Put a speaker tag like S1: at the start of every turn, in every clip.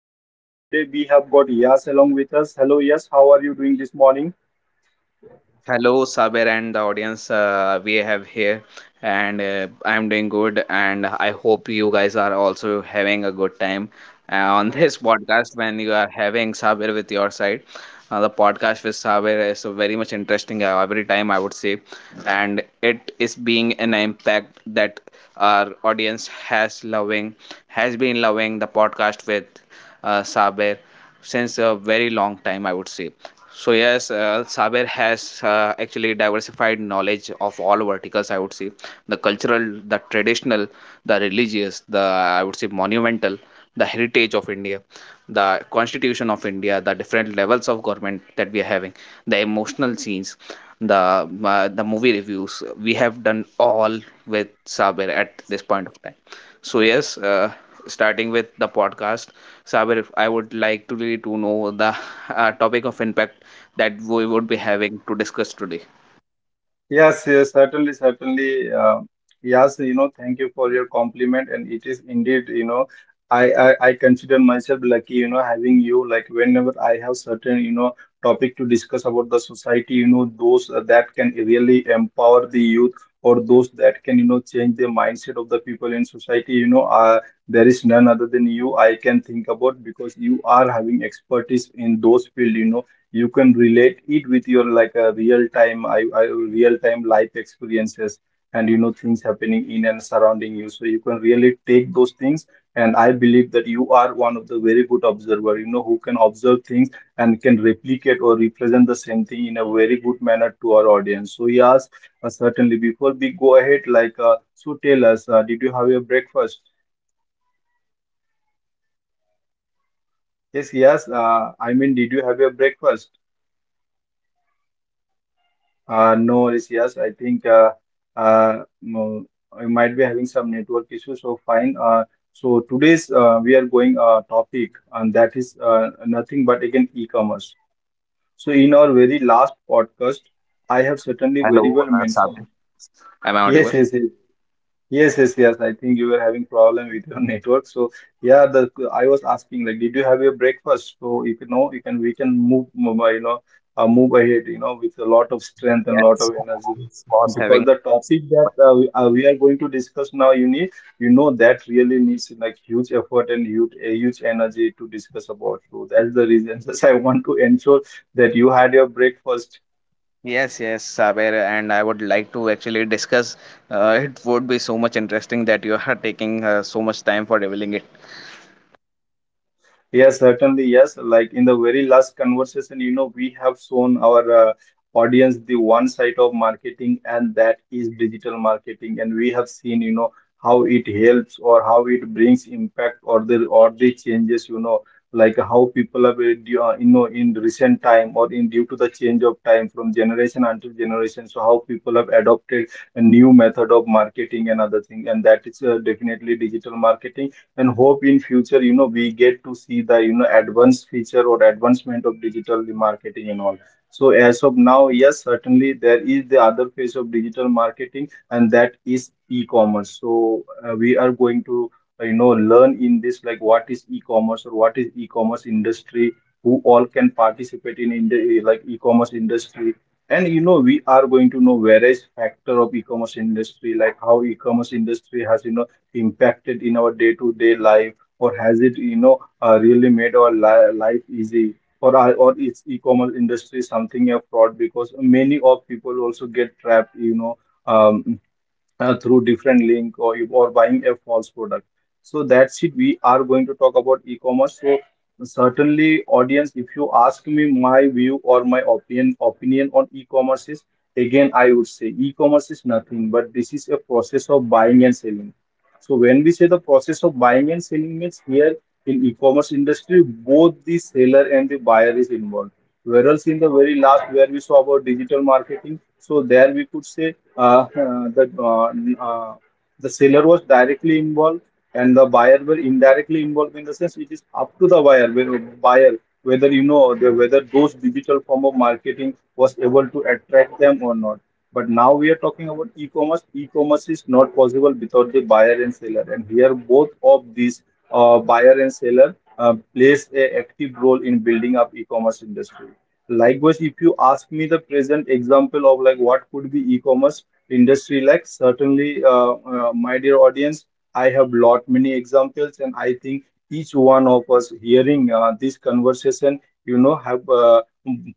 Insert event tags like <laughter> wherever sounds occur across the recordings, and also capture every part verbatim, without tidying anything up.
S1: Saver, and today we have got Yas along with us. Hello, Yas, how are you doing this morning?
S2: Hello, Saber and the audience, uh, we have here, and uh, I'm doing good, and I hope you guys are also having a good time uh, on this <laughs> podcast when you are having Saber with your side. Uh, the podcast with Saber is uh, very much interesting uh, every time, I would say, and it is being an impact that our audience has loving, has been loving the podcast with uh, Saber since a very long time, I would say. So yes, uh, Saber has uh, actually diversified knowledge of all verticals. I would say the cultural, the traditional, the religious, the I would say monumental, the heritage of India, the constitution of India, the different levels of government that we are having, the emotional scenes, the uh, the movie reviews. We have done all with Saber at this point of time. So yes, uh, starting with the podcast, Saber, I would like to really to know the uh, topic of impact that we would be having to discuss today.
S1: Yes, yes, certainly, certainly. Uh, yes, you know, thank you for your compliment, and it is indeed, you know, I, I I consider myself lucky, you know, having you. Like whenever I have certain, you know, topic to discuss about the society, you know, those uh, that can really empower the youth or those that can, you know, change the mindset of the people in society, you know, uh, there is none other than you I can think about because you are having expertise in those field, you know you can relate it with your like a real time I, I real time life experiences, and you know things happening in and surrounding you, so you can really take those things, and I believe that you are one of the very good observer, you know, who can observe things and can replicate or represent the same thing in a very good manner to our audience. So yes, uh, certainly, before we go ahead, like uh, so tell us, uh, did you have your breakfast? Yes, yes, uh, I mean, did you have your breakfast? Uh, no worries, yes. I think uh, uh, mm, I might be having some network issues, so fine. Uh, so today's uh, we are going uh, topic, and that is uh, nothing but again e-commerce. So in our very last podcast, I have certainly very
S2: Hello,
S1: well
S2: uh,
S1: mentioned.
S2: Sabir.
S1: <laughs>
S2: Am I audible?
S1: Yes, yes, yes. Yes, yes, yes. I think you were having problem with your <laughs> network. So yeah, the I was asking, like, did you have your breakfast? So if you know, you can we can move, move, uh, you know, uh, move ahead, you know, with a lot of strength and lot
S2: Yes,
S1: of energy.
S2: was having.
S1: Because the topic that uh, we, uh, we are going to discuss now, you need, you know, that really needs like huge effort and huge, a huge energy to discuss about. So that's the reason. <laughs> Just I want to ensure that you had your breakfast.
S2: Yes, yes, Saber, and I would like to actually discuss. Uh, it would be so much interesting that you are <laughs> taking uh, so much time for revealing it.
S1: Yes, certainly. Yes, like in the very last conversation, you know, we have shown our uh, audience the one side of marketing, and that is digital marketing. And we have seen, you know, how it helps or how it brings impact or the or the changes, you know, like how people have, uh, du- uh, you know, in recent time or in due to the change of time from generation until generation. So how people have adopted a new method of marketing and other thing, and that is uh, definitely digital marketing, and hope in future, you know, we get to see the, you know, advanced feature or advancement of digital marketing and all. So as of now, yes, certainly there is the other phase of digital marketing, and that is e-commerce. So uh, we are going to uh, you know, learn in this, like, what is e-commerce or what is e-commerce industry, who all can participate in, in the like e-commerce industry, and you know we are going to know various factor of e-commerce industry, like how e-commerce industry has, you know, impacted in our day-to-day life, or has it, you know, uh, really made our li- life easy? Or are, or is e-commerce industry something a fraud? Because many of people also get trapped, you know. Um, uh, through different link or you or buying a false product. So that's it, we are going to talk about e-commerce. So certainly, audience, if you ask me my view or my opinion opinion on e-commerce is, again, I would say e-commerce is nothing but this is a process of buying and selling. So when we say the process of buying and selling means here in e-commerce industry, both the seller and the buyer is involved. Whereas in the very last where we saw about digital marketing, so there we could say uh, uh, that uh, uh, the seller was directly involved and the buyer were indirectly involved, in the sense it is up to the buyer, whe- buyer, whether you know the, whether those digital form of marketing was able to attract them or not. But now we are talking about e-commerce. E-commerce is not possible without the buyer and seller, and here both of these uh, buyer and seller uh, plays a active role in building up e-commerce industry. Likewise, if you ask me the present example of like what could be e-commerce industry like, certainly, uh, uh, my dear audience, I have lot many examples, and I think each one of us hearing uh, this conversation, you know, have uh,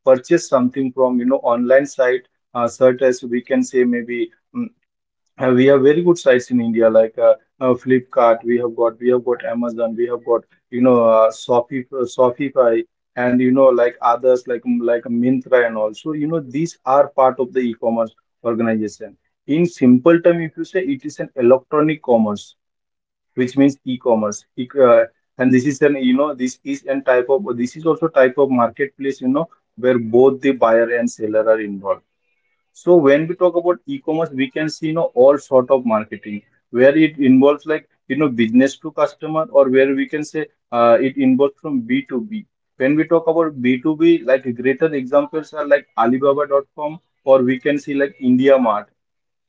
S1: purchased something from, you know, online site, uh, such as we can say maybe. um, uh, we have very good sites in India, like uh, uh, Flipkart. We have got we have got Amazon. We have got, you know, uh, Shopee, uh, Shopify, and you know, like others, like mm, like Myntra, and also, you know, these are part of the e-commerce organization. In simple term, if you say it is an electronic commerce, which means e-commerce, E- uh, and this is an, you know, this is an type of, this is also type of marketplace, you know, where both the buyer and seller are involved. So when we talk about e-commerce, we can see, you know, all sort of marketing where it involves, like, you know, business to customer, or where we can say uh, it involves from B to B. When we talk about B to B, like greater examples are like Alibaba dot com, or we can see like India,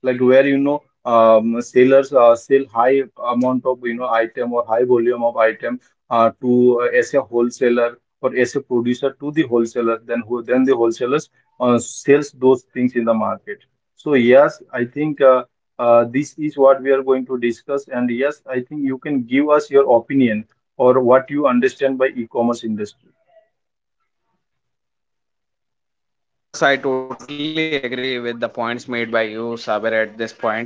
S1: like where you know, um, sellers uh, sell high amount of, you know, item or high volume of item uh, to uh, as a wholesaler or as a producer to the wholesaler, then who then the wholesalers uh, sells those things in the market. So yes, I think uh, uh, this is what we are going to discuss, and yes, I think you can give us your opinion or what you understand by e-commerce industry.
S2: Yes, I totally agree with the points made by you, Saber, at this point.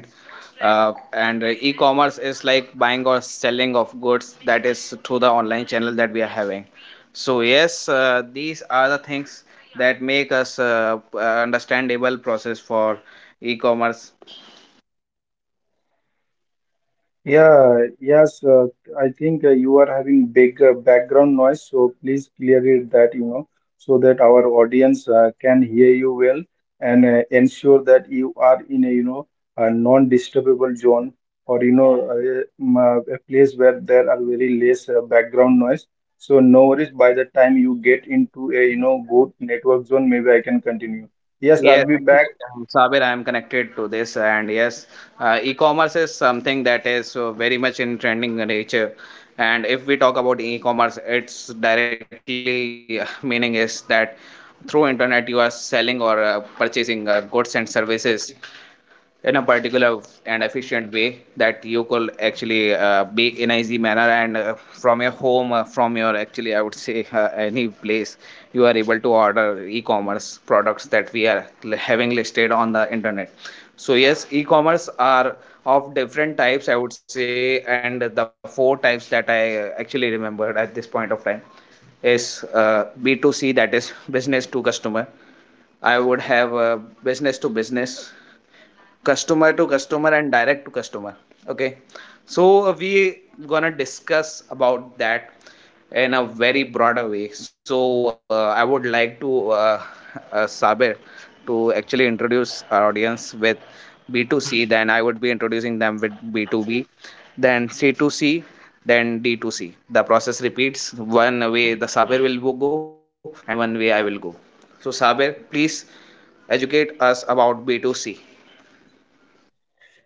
S2: Uh, and uh, E-commerce is like buying or selling of goods that is through the online channel that we are having. So yes, uh, these are the things that make us uh, p- uh, understandable process for e-commerce.
S1: Yeah, yes, uh, I think uh, you are having big uh, background noise, so please clear it that, you know, so that our audience uh, can hear you well, and uh, ensure that you are in a, you know, a non-disturbable zone, or, you know, a, um, uh, a place where there are very less uh, background noise. So no worries, by the time you get into a, you know, good network zone, maybe I can continue. Yes, I'll
S2: Yes,
S1: be back.
S2: actually, um, Sabir, I am connected to this, and yes, uh, e-commerce is something that is uh, very much in trending nature. And if we talk about e-commerce, its directly <laughs> uh, meaning is that through internet you are selling or uh, purchasing uh, goods and services in a particular and efficient way that you could actually uh, be in a easy manner and uh, from your home uh, from your actually I would say uh, any place you are able to order e-commerce products that we are having listed on the internet. So yes, e-commerce are of different types, I would say, and the four types that I uh, actually remembered at this point of time is uh, B two C, that is business to customer. I would have uh, business to business, customer to customer, and direct to customer. Okay, so uh, we gonna discuss about that in a very broader way. So uh, i would like to uh, uh, Sabir to actually introduce our audience with B two C, then I would be introducing them with B two B, then C two C, then D two C. The process repeats: one way the Sabir will go and one way I will go. So Sabir, please educate us about B two C.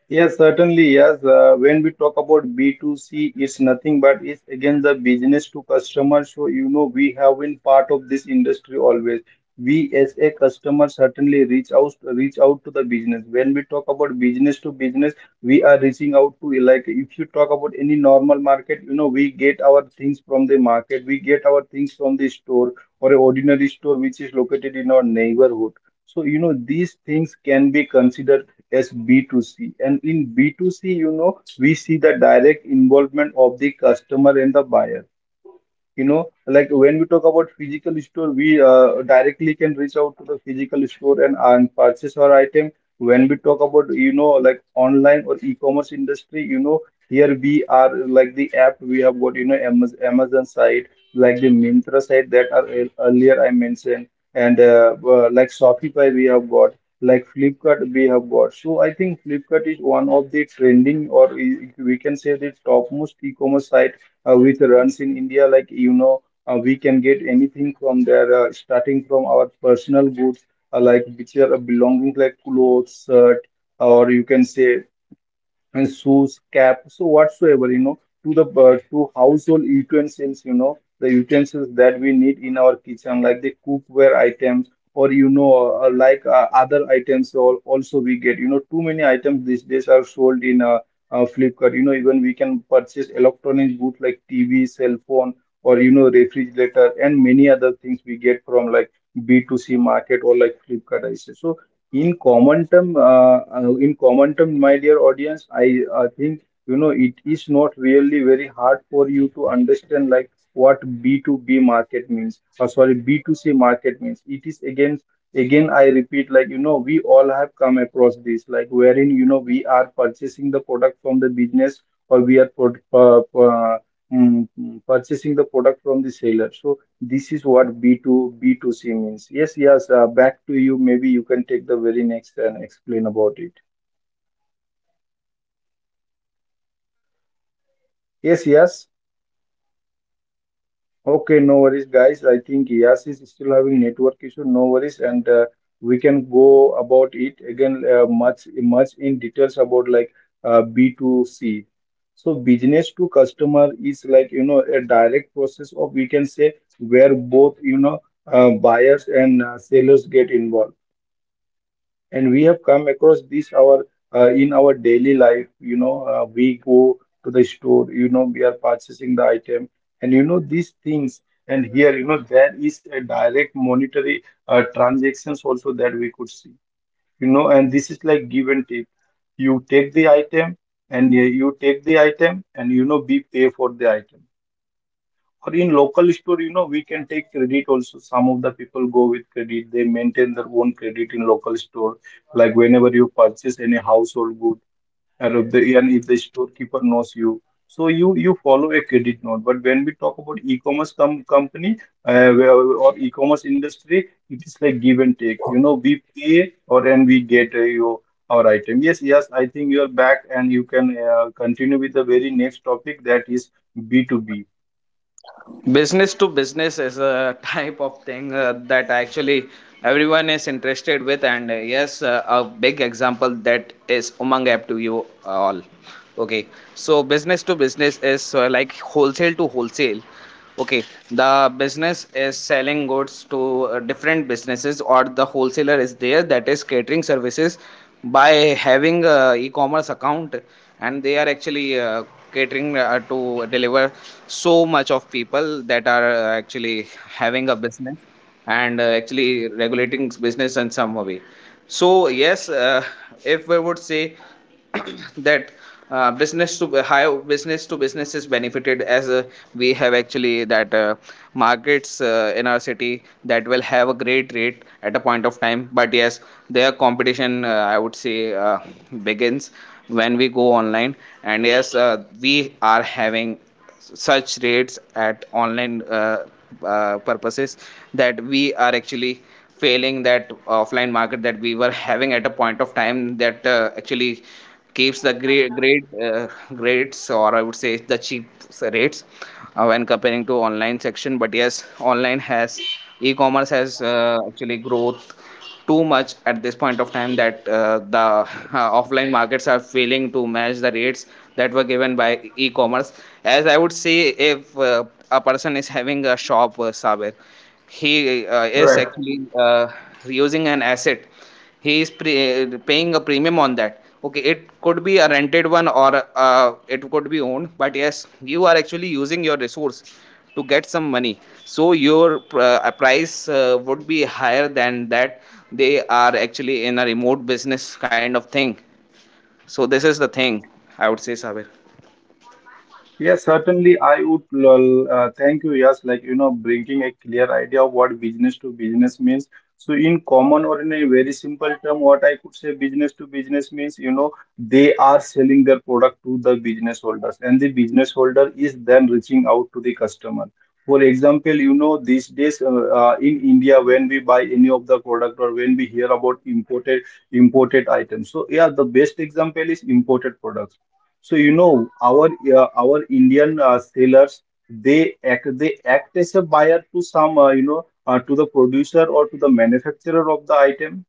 S1: Yes, certainly, yes. Uh, when we talk about B two C, it's nothing but it's again the business to customer. So, you know, we have been part of this industry always. We as a customer certainly reach out reach out to the business. When we talk about business to business, we are reaching out to, like, if you talk about any normal market, you know, we get our things from the market, we get our things from the store, or a ordinary store which is located in our neighborhood. So, you know, these things can be considered as B two C. And in B two C, you know, we see the direct involvement of the customer and the buyer. You know, like when we talk about physical store, we uh, directly can reach out to the physical store, and, and purchase our item. When we talk about, you know, like online or e-commerce industry, you know, here we are like the app we have got, you know, Amaz- Amazon site, like the Myntra site that are ear- earlier I mentioned, and uh, uh, like Shopify we have got, like Flipkart we have got. So I think Flipkart is one of the trending or i- we can say the topmost e-commerce site uh, with runs in India, like you know, uh, we can get anything from there, uh, starting from our personal goods, uh, like which are uh, belonging like clothes, shirt, or you can say and shoes, cap, so whatsoever, you know, to the uh, to household utensils, you know, the utensils that we need in our kitchen, like the cookware items, or you know, uh, like uh, other items, al- also we get, you know, too many items these days are sold in uh, uh, Flipkart. You know, even we can purchase electronic goods like T V, cell phone, or you know, refrigerator, and many other things we get from like B two C market or like Flipkart. I say so in common term, uh, uh, in common term, my dear audience, I uh, think you know it is not really very hard for you to understand like what B two B market means. Or sorry, B two C market means. It is again, again, I repeat, like you know, we all have come across this, like wherein you know we are purchasing the product from the business, or we are pro- uh, uh, mm, mm, purchasing the product from the seller. So this is what B two B two C means. Yes, yes, uh, back to you. Maybe you can take the very next and explain about it. Yes, yes. Okay, no worries, guys. I think Yas is still having network issue. No worries, and uh, we can go about it again, uh, much much in details about like uh, B two C. So business to customer is like you know a direct process of, we can say, where both, you know, uh, buyers and uh, sellers get involved, and we have come across this, our uh, in our daily life, you know, uh, we go to the store, you know, we are purchasing the item and you know these things. And here, you know, there is a direct monetary uh, transactions also that we could see, you know. And this is like give and take. you take the item and uh, you take the item, and you know, we pay for the item, or in local store, you know, we can take credit also. Some of the people go with credit, they maintain their own credit in local store, like whenever you purchase any household good. And if the and if the storekeeper knows you, so you you follow a credit note. But when we talk about e-commerce com- company, uh, where- or e-commerce industry, it is like give and take, you know, we pay, or and we get uh, your our item. Yes, yes, I think you are back and you can uh, continue with the very next topic, that is B two B.
S2: Business to business is a <laughs> type of thing uh, that actually everyone is interested with, and uh, yes, uh, a big example that is Umang app to you all. Okay, so business to business is uh, like wholesale to wholesale. Okay, the business is selling goods to uh, different businesses, or the wholesaler is there that is catering services by having a e-commerce account, and they are actually uh, catering uh, to deliver so much of people that are uh, actually having a business and uh, actually regulating business in some way. So yes, uh, if we would say <coughs> that uh, business to how business to business is benefited, as uh, we have actually that uh, markets uh, in our city that will have a great rate at a point of time. But yes, their competition, uh, i would say uh, begins when we go online. And yes, uh, we are having such rates at online uh, uh, purposes that we are actually failing that offline market that we were having at a point of time that uh, actually keeps the great great uh, rates, or I would say the cheap rates uh, when comparing to online section. But yes, online has, e-commerce has uh, actually growth too much at this point of time that uh, the uh, offline markets are failing to match the rates that were given by e-commerce. As I would say, if uh, a person is having a shop, uh, Saber, he uh, is actually uh, using an asset. He is pre- eh, paying a premium on that. Okay, it could be a rented one, or uh, it could be owned, but yes, you are actually using your resource to get some money. So your pr- uh, price uh, would be higher than that. They are actually in a remote business kind of thing. So this is the thing I would say, Sabir.
S1: Yes, certainly. I would l- uh, thank you. Yes, like you know, bringing a clear idea of what business to business means. So, in common or in a very simple term, what I could say business to business means, you know, they are selling their product to the business holders, and the business holder is then reaching out to the customer. For example, you know, these days, uh, uh, in India, when we buy any of the product or when we hear about imported imported items. So yeah, the best example is imported products. So, you know, our uh, our Indian, uh, sellers, they act they act as a buyer to some, uh, you know, uh, to the producer or to the manufacturer of the item.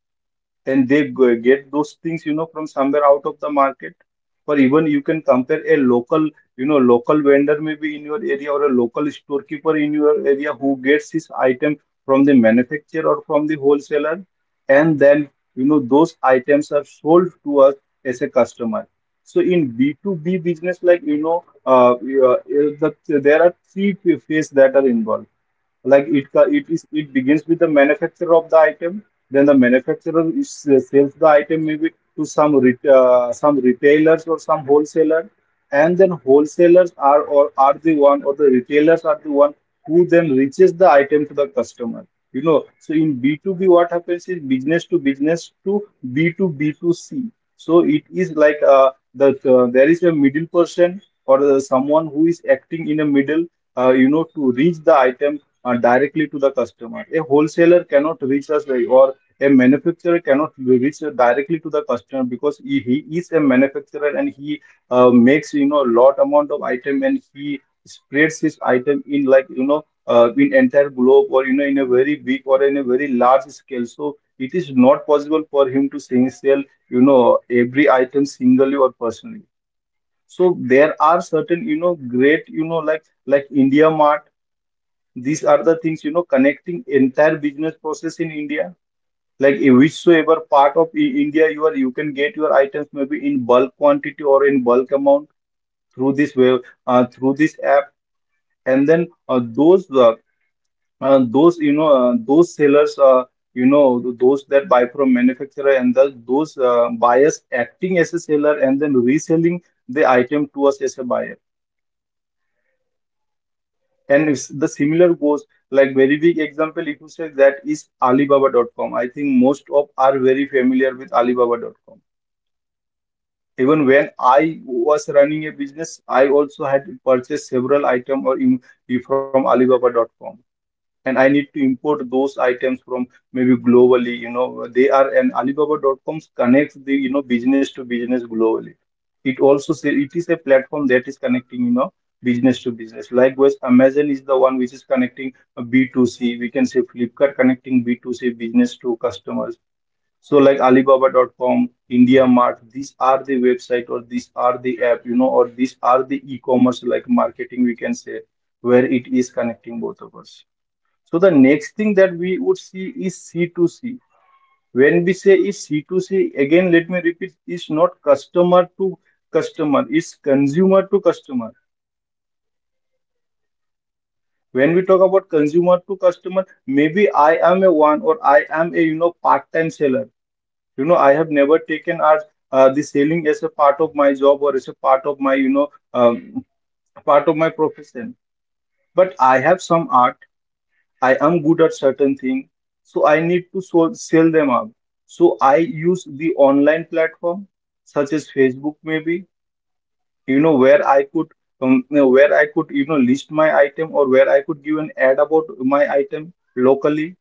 S1: And they g- get those things, you know, from somewhere out of the market. Or even you can compare a local, you know, local vendor, maybe in your area, or a local storekeeper in your area who gets his item from the manufacturer or from the wholesaler, and then, you know, those items are sold to us as a customer. So in B two B business, like you know, uh, uh, uh, the, there are three phases that are involved. Like, it co- it is it begins with the manufacturer of the item. Then the manufacturer is, uh, sells the item, maybe, to some ret- uh, some retailers or some wholesaler, and then wholesalers are, or are the one, or the retailers are the one, who then reaches the item to the customer. You know, so in B two B, what happens is business to business to b to b to c. So it is like, uh, that, uh, there is a middle person, or, uh, someone who is acting in a middle, uh, you know, to reach the item, uh, directly to the customer. A wholesaler cannot reach us, uh, or a manufacturer cannot reach directly to the customer, because he, he is a manufacturer, and he, uh, makes, you know, lot amount of item, and he spreads his item in, like you know, uh, in entire globe, or you know, in a very big, or in a very large scale. So it is not possible for him to sing sell, you know, every item singly or personally. So there are certain, you know, great, you know, like, like India Mart. These are the things, you know, connecting entire business process in India. Like in whichsoever part of I- India you are, you can get your items, maybe in bulk quantity or in bulk amount, through this web, uh, through this app. And then, uh, those uh, uh, those you know uh, those sellers, uh, you know, th- those that buy from manufacturer, and the, those, uh, buyers acting as a seller and then reselling the item to us as a buyer. And it's, the similar goes like, very big example if you say, that is Alibaba dot com. I think most of are very familiar with Alibaba dot com. Even when I was running a business, I also had purchased several items, or im- from Alibaba dot com, and I need to import those items from, maybe, globally. You know, they are and Alibaba dot com connects the, you know, business to business globally. It also say it is a platform that is connecting, you know, business to business. Likewise, Amazon is the one which is connecting B two C. We can say Flipkart connecting B two C, business to customers. So like Alibaba dot com, India Mart, these are the website, or these are the app, you know, or these are the e-commerce like marketing, we can say, where it is connecting both of us. So the next thing that we would see is C two C. When we say is C two C, again let me repeat, it's not customer to customer, it's consumer to customer. When we talk about consumer to customer, maybe I am a one, or I am a, you know, part-time seller. You know, I have never taken art, uh, the sailing as a part of my job, or as a part of my, you know, um, part of my profession. But I have some art, I am good at certain thing, so I need to so sell them up. So I use the online platform such as Facebook, maybe, you know, where I could, um, you know, where I could, you know, list my item, or where I could give an ad about my item locally,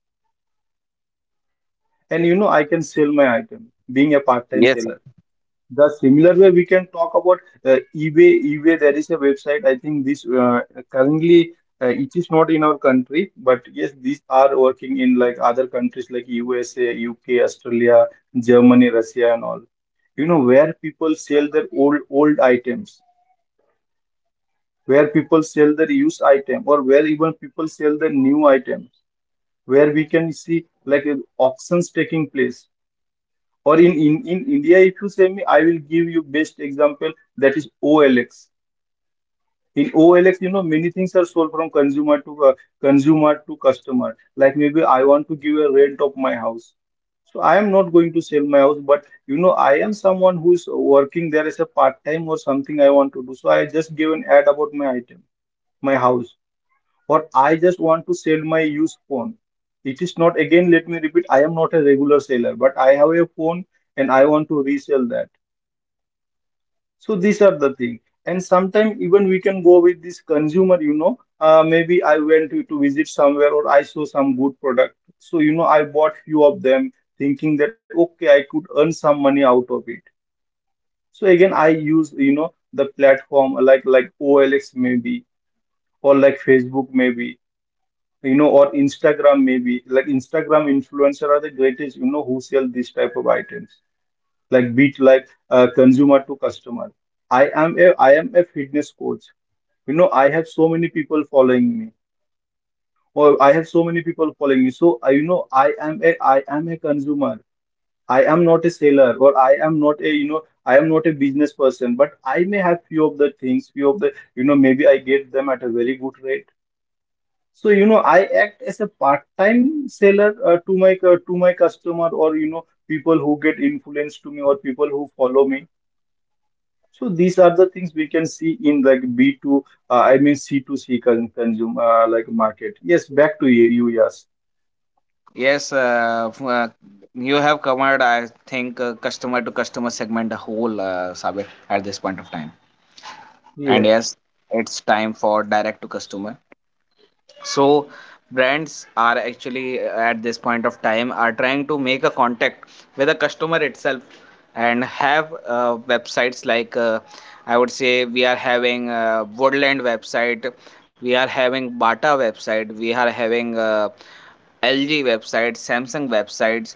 S1: and you know, I can sell my item, being a
S2: Yes.
S1: part-time seller. The similar way we can talk about uh, eBay. eBay, there is a website. I think this, uh, currently, uh, it is not in our country, but yes, these are working in like other countries, like U S A, U K, Australia, Germany, Russia, and all. You know, where people sell their old old items, where people sell their used item, or where even people sell their new item, where we can see like, uh, auctions taking place. Or in, in, in India, if you say me, I will give you best example, that is O L X. In O L X, you know, many things are sold from consumer to uh, consumer to customer. Like, maybe I want to give a rent of my house. So I am not going to sell my house, but you know, I am someone who is working there as a part time, or something I want to do. So I just give an ad about my item, my house. Or I just want to sell my used phone. It is not, again, let me repeat, I am not a regular seller, but I have a phone and I want to resell that. So these are the things. And sometimes even we can go with this consumer, you know, uh, maybe I went to, to visit somewhere, or I saw some good product. So, you know, I bought few of them, thinking that, okay, I could earn some money out of it. So again, I use, you know, the platform like, like O L X maybe, or like Facebook, maybe, you know, or Instagram, maybe. Like Instagram influencer are the greatest, you know, who sell this type of items, like beat, like, uh, consumer to customer. i am a I am a fitness coach. You know, i have so many people following me or I have so many people following me. So I, you know, i am a I am a consumer, I am not a seller, or I am not a, you know, I am not a business person, but I may have few of the things, few of the, you know, maybe I get them at a very good rate. So, you know, I act as a part-time seller, uh, to my cu- to my customer, or you know, people who get influenced to me, or people who follow me. So these are the things we can see in like, B two, uh, I mean C two C, con consumer, uh, like market. Yes, back to you. You, yes.
S2: Yes, uh, f- uh, you have covered, I think, uh, customer to customer segment a whole, uh, Sabir, at this point of time. And
S1: Yes,
S2: yes, it's time for direct to customer. So brands are actually uh, at this point of time are trying to make a contact with the customer itself and have uh, websites like, uh, I would say, we are having uh, Woodland website, we are having Bata website, we are having uh, L G websites, Samsung websites,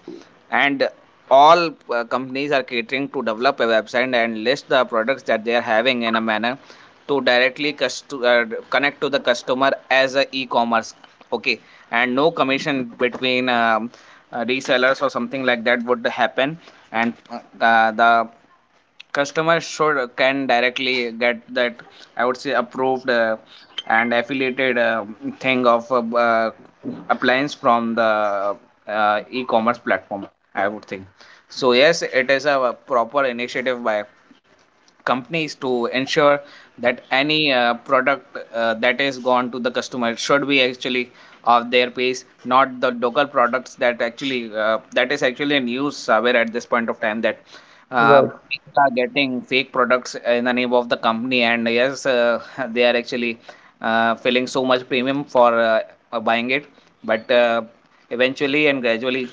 S2: and all uh, companies are catering to develop a website and list the products that they are having in a manner to directly uh, connect to the customer as a e-commerce. Okay, and no commission between um, uh, resellers or something like that would happen. And uh, uh, the customer should can directly get that, I would say, approved uh, and affiliated uh, thing of uh, uh, appliance from the uh, e-commerce platform, I would think. So yes, it is a proper initiative by companies to ensure that any uh, product uh, that is gone to the customer should be actually of their pace, not the local products that actually uh, that is actually in use somewhere at this point of time, that uh,
S1: right.
S2: people are getting fake products in the name of the company. And yes, uh, <laughs> they are actually uh, filling so much premium for uh, uh, buying it. But uh, eventually and gradually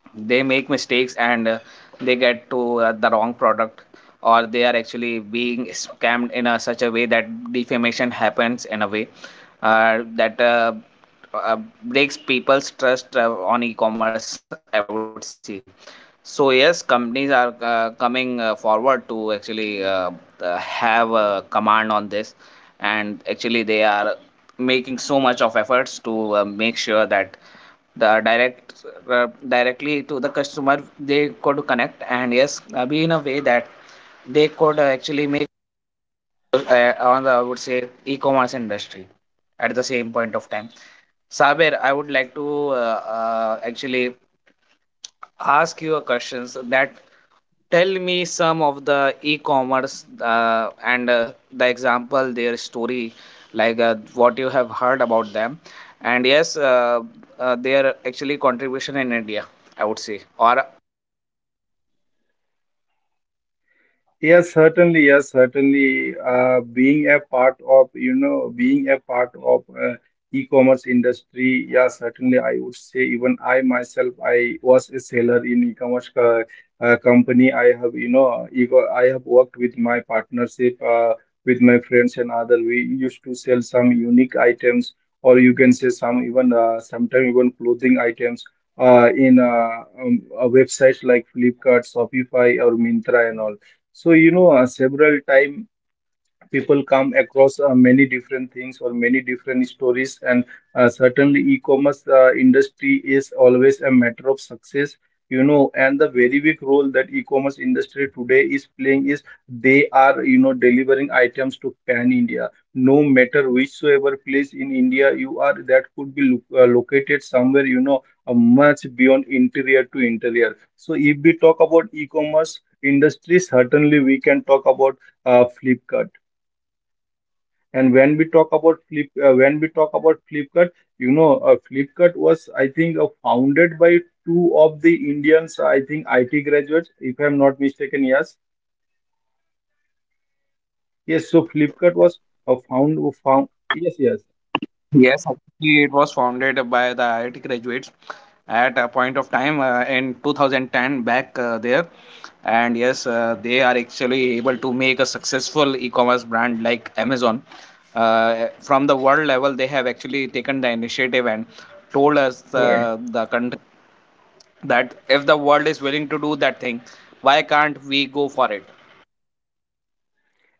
S2: they make mistakes, and uh, they get to uh, the wrong product, or they are actually being scammed in a, such a way that defamation happens in a way uh, that uh, uh, breaks people's trust uh, on e-commerce, I would say. So yes, companies are uh, coming uh, forward to actually uh, uh, have a command on this, and actually they are making so much of efforts to uh, make sure that the direct uh, directly to the customer they could connect. And yes, uh, be in a way that they could uh, actually make uh, on the I would say e-commerce industry at the same point of time. Saber, I would like to uh, uh, actually ask you a questions that tell me some of the e-commerce uh, and uh, the example, their story, like uh, what you have heard about them. And yes, uh, uh, their actually contribution in India, I would say, or
S1: Yes, certainly. Yes, certainly. Uh, being a part of, you know, being a part of uh, e-commerce industry, yeah, certainly, I would say, even I myself, I was a seller in e-commerce co- uh, company. I have, you know, ego, I have worked with my partnership, uh, with my friends and other. We used to sell some unique items, or you can say some even uh, sometimes even clothing items. Uh, in uh, um, uh, websites like Flipkart, Shopify, or Mintra, and all. So, you know, uh, several time people come across uh, many different things or many different stories, and uh, certainly e-commerce uh, industry is always a matter of success you know And the very big role that e-commerce industry today is playing is they are, you know delivering items to pan india, no matter whichsoever place in india you are, that could be lo- uh, located somewhere, you know uh, much beyond interior to interior. So if we talk about e-commerce industry, certainly we can talk about uh, Flipkart. And when we talk about Flip, uh, when we talk about Flipkart, you know, uh, Flipkart was, I think, uh, founded by two of the Indians, I think, I T graduates, if I'm not mistaken. Yes, yes. So Flipkart was uh, found, found. Yes, yes.
S2: Yes, actually, it was founded by the I I T graduates at a point of time uh, in two thousand ten back uh, there. And yes, uh, they are actually able to make a successful e commerce brand like Amazon. Uh, from the world level, they have actually taken the initiative and told us
S1: Right.
S2: uh, the country that if the world is willing to do that thing, why can't we go for it?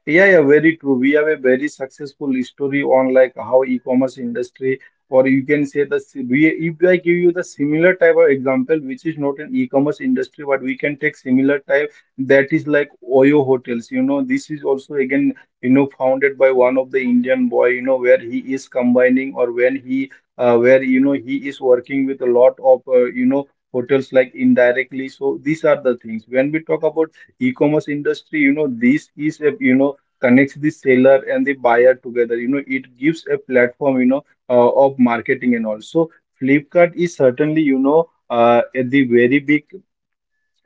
S1: Yeah, yeah, very true. We have a very successful story on like how e-commerce industry, or you can say the si- we if I give you the similar type of example, which is not an e-commerce industry, but we can take similar type, that is like Oyo hotels. You know, this is also again, you know, founded by one of the Indian boy. You know where he is combining, or when he, uh, where, you know, he is working with a lot of, uh, you know, hotels, like, indirectly. So these are the things when we talk about e-commerce industry. You know, this is a, you know, connects the seller and the buyer together. You know, it gives a platform, you know, uh, of marketing. And also Flipkart is certainly, you know, uh, at the very big,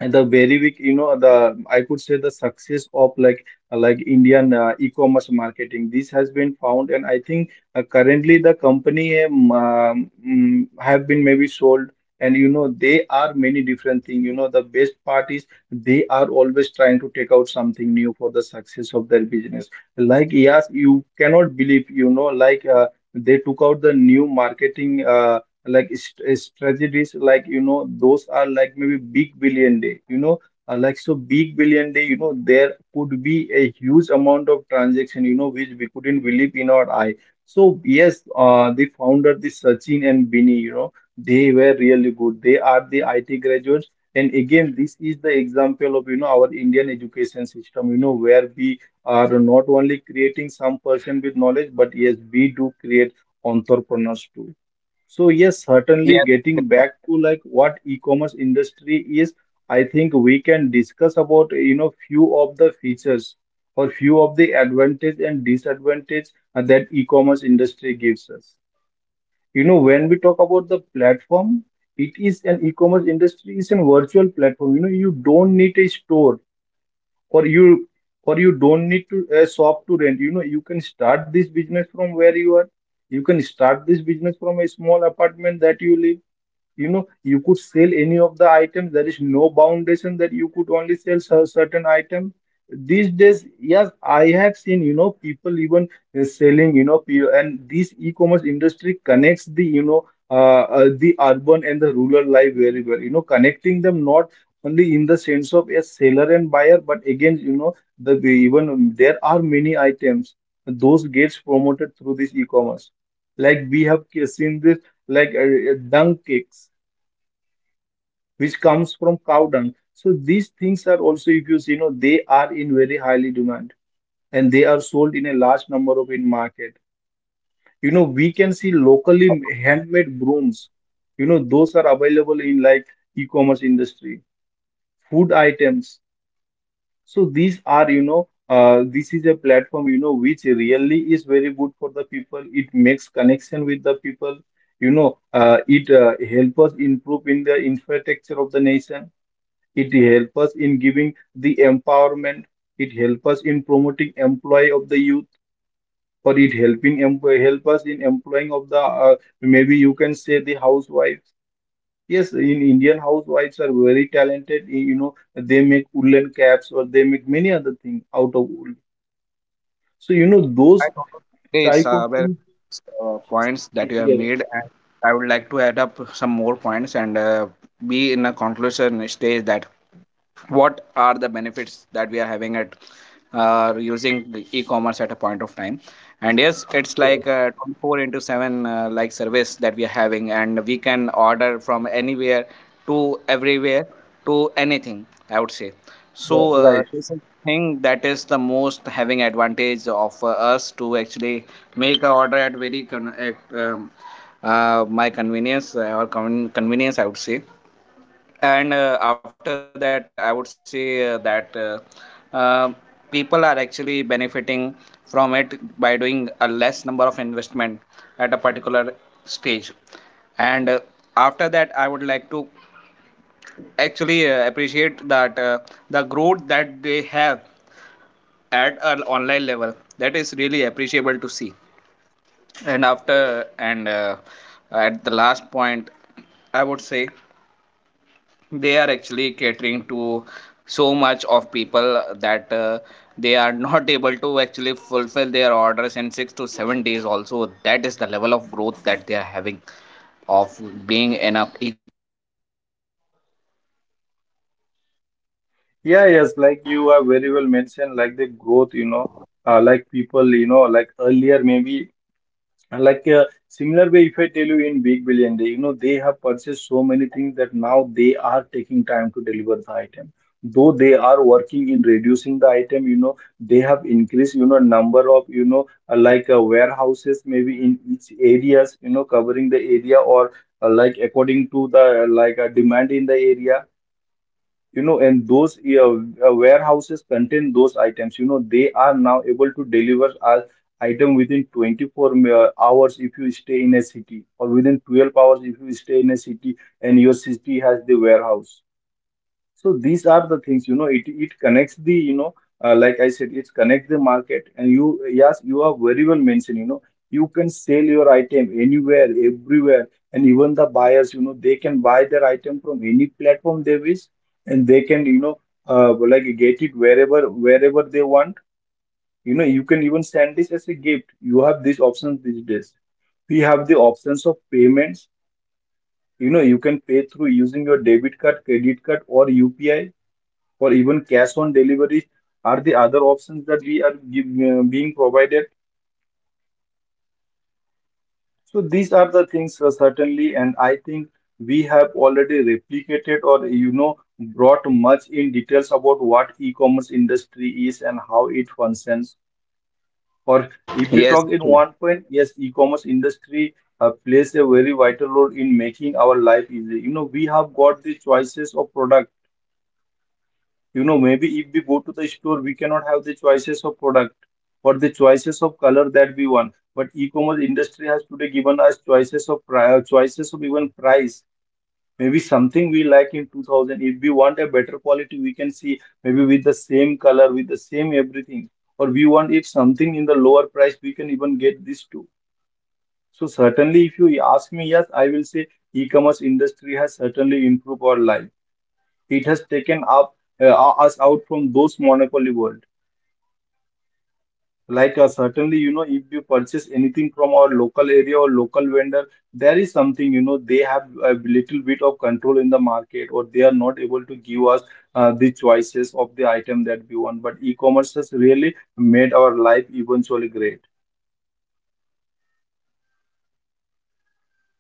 S1: at the very weak, you know, the, I could say, the success of like like Indian uh, e-commerce marketing, this has been found. And I think uh, currently the company um, um, mm, have been maybe sold. And, you know, they are many different things. You know, the best part is they are always trying to take out something new for the success of their business. Like, yes, you cannot believe, you know, like, uh, they took out the new marketing. Uh, like st- strategies, like, you know, those are like maybe big billion day. You know, uh, like so big billion day, you know, there could be a huge amount of transaction, you know, which we couldn't believe in our eye. So yes, uh, the founder, the Sachin and Bini, you know, they were really good. They are the I T graduates. And again, this is the example of, you know, our Indian education system, you know, where we are not only creating some person with knowledge, but yes, we do create entrepreneurs too. So yes, certainly getting back to like what e-commerce industry is, I think we can discuss about, you know, few of the features or few of the advantage and disadvantage uh, that e-commerce industry gives us. You know, when we talk about the platform, it is an e-commerce industry is a virtual platform. You know, you don't need a store, or you, or you don't need to a shop to rent. You know, you can start this business from where you are. You can start this business from a small apartment that you live. You know, you could sell any of the items. There is no foundation that you could only sell cer- certain items. These days, yes, I have seen, you know, people even uh, selling, you know, pe- and this e-commerce industry connects the, you know, uh, uh, the urban and the rural life very well, you know, connecting them not only in the sense of a seller and buyer, but again, you know, the even um, there are many items those gets promoted through this e-commerce, like we have uh, seen this, like, uh, uh, dung cakes, which comes from cow dung. So these things are also, if you see, you know, they are in very highly demand, and they are sold in a large number of in market. You know, we can see locally handmade brooms. You know, those are available in like e-commerce industry. Food items. So these are, you know, uh, this is a platform, you know, which really is very good for the people. It makes connection with the people. You know, uh, it uh, help us improve in the infrastructure of the nation. It help us in giving the empowerment. It help us in promoting employee of the youth, or it helping em help us in employing of the, uh, maybe you can say, the housewives. Yes, in Indian housewives are very talented. You know, they make woolen caps, or they make many other things out of wool. So, you know,
S2: Yes, I
S1: those
S2: know this
S1: type of
S2: uh, where,
S1: things.
S2: uh, points that you have
S1: Yes,
S2: made, and I would like to add up some more points and uh, be in a conclusion stage that what are the benefits that we are having at uh, using the e-commerce at a point of time. And yes, it's like
S1: sure.
S2: a twenty-four into seven uh, like service that we are having, and we can order from anywhere to everywhere to anything, I would say.
S1: Yeah,
S2: So uh,
S1: right.
S2: this is thing that is the most having advantage of uh, us to actually make a order at very con- at, um, uh, my convenience uh, or con- convenience, I would say. And uh, after that, I would say uh, that uh, uh, people are actually benefiting from it by doing a less number of investment at a particular stage. And uh, after that, I would like to actually uh, appreciate that uh, the growth that they have at an online level, that is really appreciable to see. And after and uh, at the last point, I would say they are actually catering to so much of people that uh, they are not <laughs> able to actually fulfill their orders in six to seven days also. That is the level of growth that they are having of being in a
S1: Yeah, yes, like you are very well mentioned, like the growth, you know, uh, like people, you know, like earlier maybe. And, like, uh, similar way, if I tell you in Big Billion Day, you know, they have purchased so many things that now they are taking time to deliver the item. Though they are working in reducing the item, you know, they have increased, you know, number of, you know, uh, like uh, warehouses maybe in each areas, you know, covering the area, or uh, like according to the, uh, like, uh, demand in the area, you know, and those uh, uh, warehouses contain those items. You know, they are now able to deliver our item within twenty-four mi- uh, hours if you stay in a city, or within twelve hours if you stay in a city and your city has the warehouse. So these are the things, you know, it it connects the, you know, uh, like I said, it connects the market. And you, yes, you are very well mentioned, you know, you can sell your item anywhere, everywhere. And even the buyers, you know, they can buy their item from any platform they wish, and they can, you know, uh, like get it wherever wherever they want. You know, you can even send this as a gift. You have these options these days. We have the options of payments. You know, you can pay through using your debit card, credit card, or U P I, or even cash on delivery are the other options that we are give, uh, being provided. So these are the things, uh, certainly, and I think we have already replicated, or, you know, brought much in details about what e-commerce industry is and how it
S2: yes.
S1: functions. Or if we talk in one point, yes, e-commerce industry uh, plays a very vital role in making our life easy. You know, we have got the choices of product. You know, maybe if we go to the store, we cannot have the choices of product or the choices of color that we want. But e-commerce industry has today given us choices of price, choices of even price. Maybe something we like in two thousand. If we want a better quality, we can see maybe with the same color, with the same everything. Or we want if something in the lower price, we can even get this too. So certainly, if you ask me, yes, I will say e-commerce industry has certainly improved our life. It has taken up uh, us out from those monopoly world. Like, uh, certainly, you know, if you purchase anything from our local area or local vendor, there is something, you know, they have a little bit of control in the market, or they are not able to give us uh, the choices of the item that we want. But e-commerce has really made our life eventually great.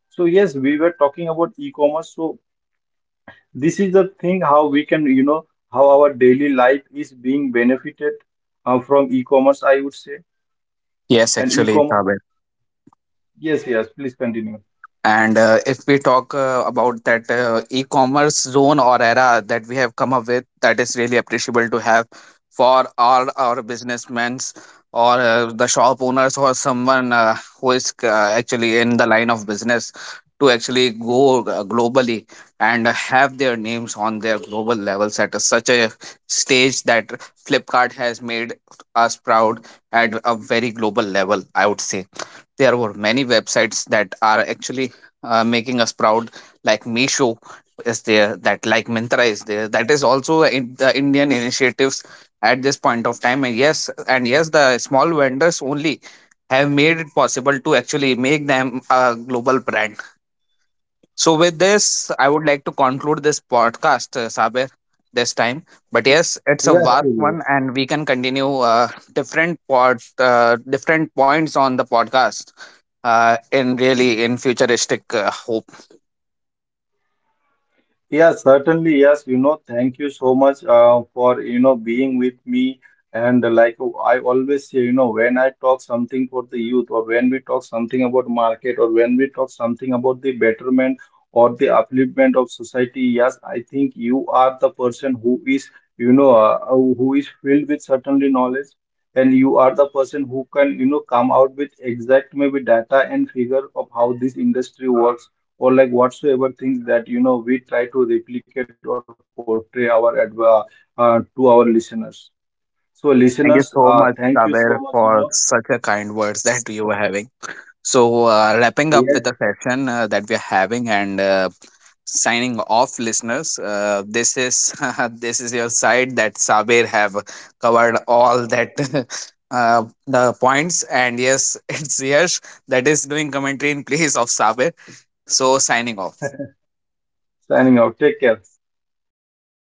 S1: So yes, we were talking about e-commerce. So this is the thing how we can, you know, how our daily life is being benefited uh, from e-commerce, I would say.
S2: Yes,
S1: And
S2: actually,
S1: e-commerce,
S2: Sabir.
S1: yes, yes, please continue.
S2: And uh, if we talk uh, about that uh, e-commerce zone or era that we have come up with, that is really appreciable to have for all our businessmen, or uh, the shop owners or someone uh, who is uh, actually in the line of business to actually go uh, globally and have their names on their global levels at a, such a stage that Flipkart has made us proud at a very global level, I would say. There were many websites that are actually uh, making us proud, like Meesho is there, that like Mintra is there, that is also in the Indian initiatives at this point of time. And yes, and yes, the small vendors only have made it possible to actually make them a global brand. So with this, I would like to conclude this podcast, uh, Saber, this time. But yes, it's a
S1: Yes,
S2: vast
S1: Surya.
S2: one, and we can continue uh, different pod, uh, different points on the podcast uh, in really in futuristic uh, hope.
S1: Yeah, certainly. Yes, you know, thank you so much uh, for, you know, being with me. And uh, like, uh, I always say, you know, when I talk something for the youth, or when we talk something about market, or when we talk something about the betterment or the upliftment of society, yes, I think you are the person who is, you know, uh, uh, who is filled with certainly knowledge. And you are the person who can, you know, come out with exact maybe data and figure of how this industry works, or like whatsoever things that you know we try to replicate or portray our adv- uh, to our listeners. So
S2: Thank you
S1: listeners,
S2: so
S1: uh,
S2: much,
S1: thank you
S2: Saber,
S1: so much. You
S2: for
S1: know,
S2: such a kind words that you were having. So, uh, wrapping up with the
S1: yes,
S2: session uh, that we are having. And uh, signing off, listeners. Uh, this is, <laughs> this is your side that Saber have covered all that <laughs> uh, the points. And yes, <laughs> it's Yash that is doing commentary in place of Saber. So, signing off.
S1: signing out. Take care.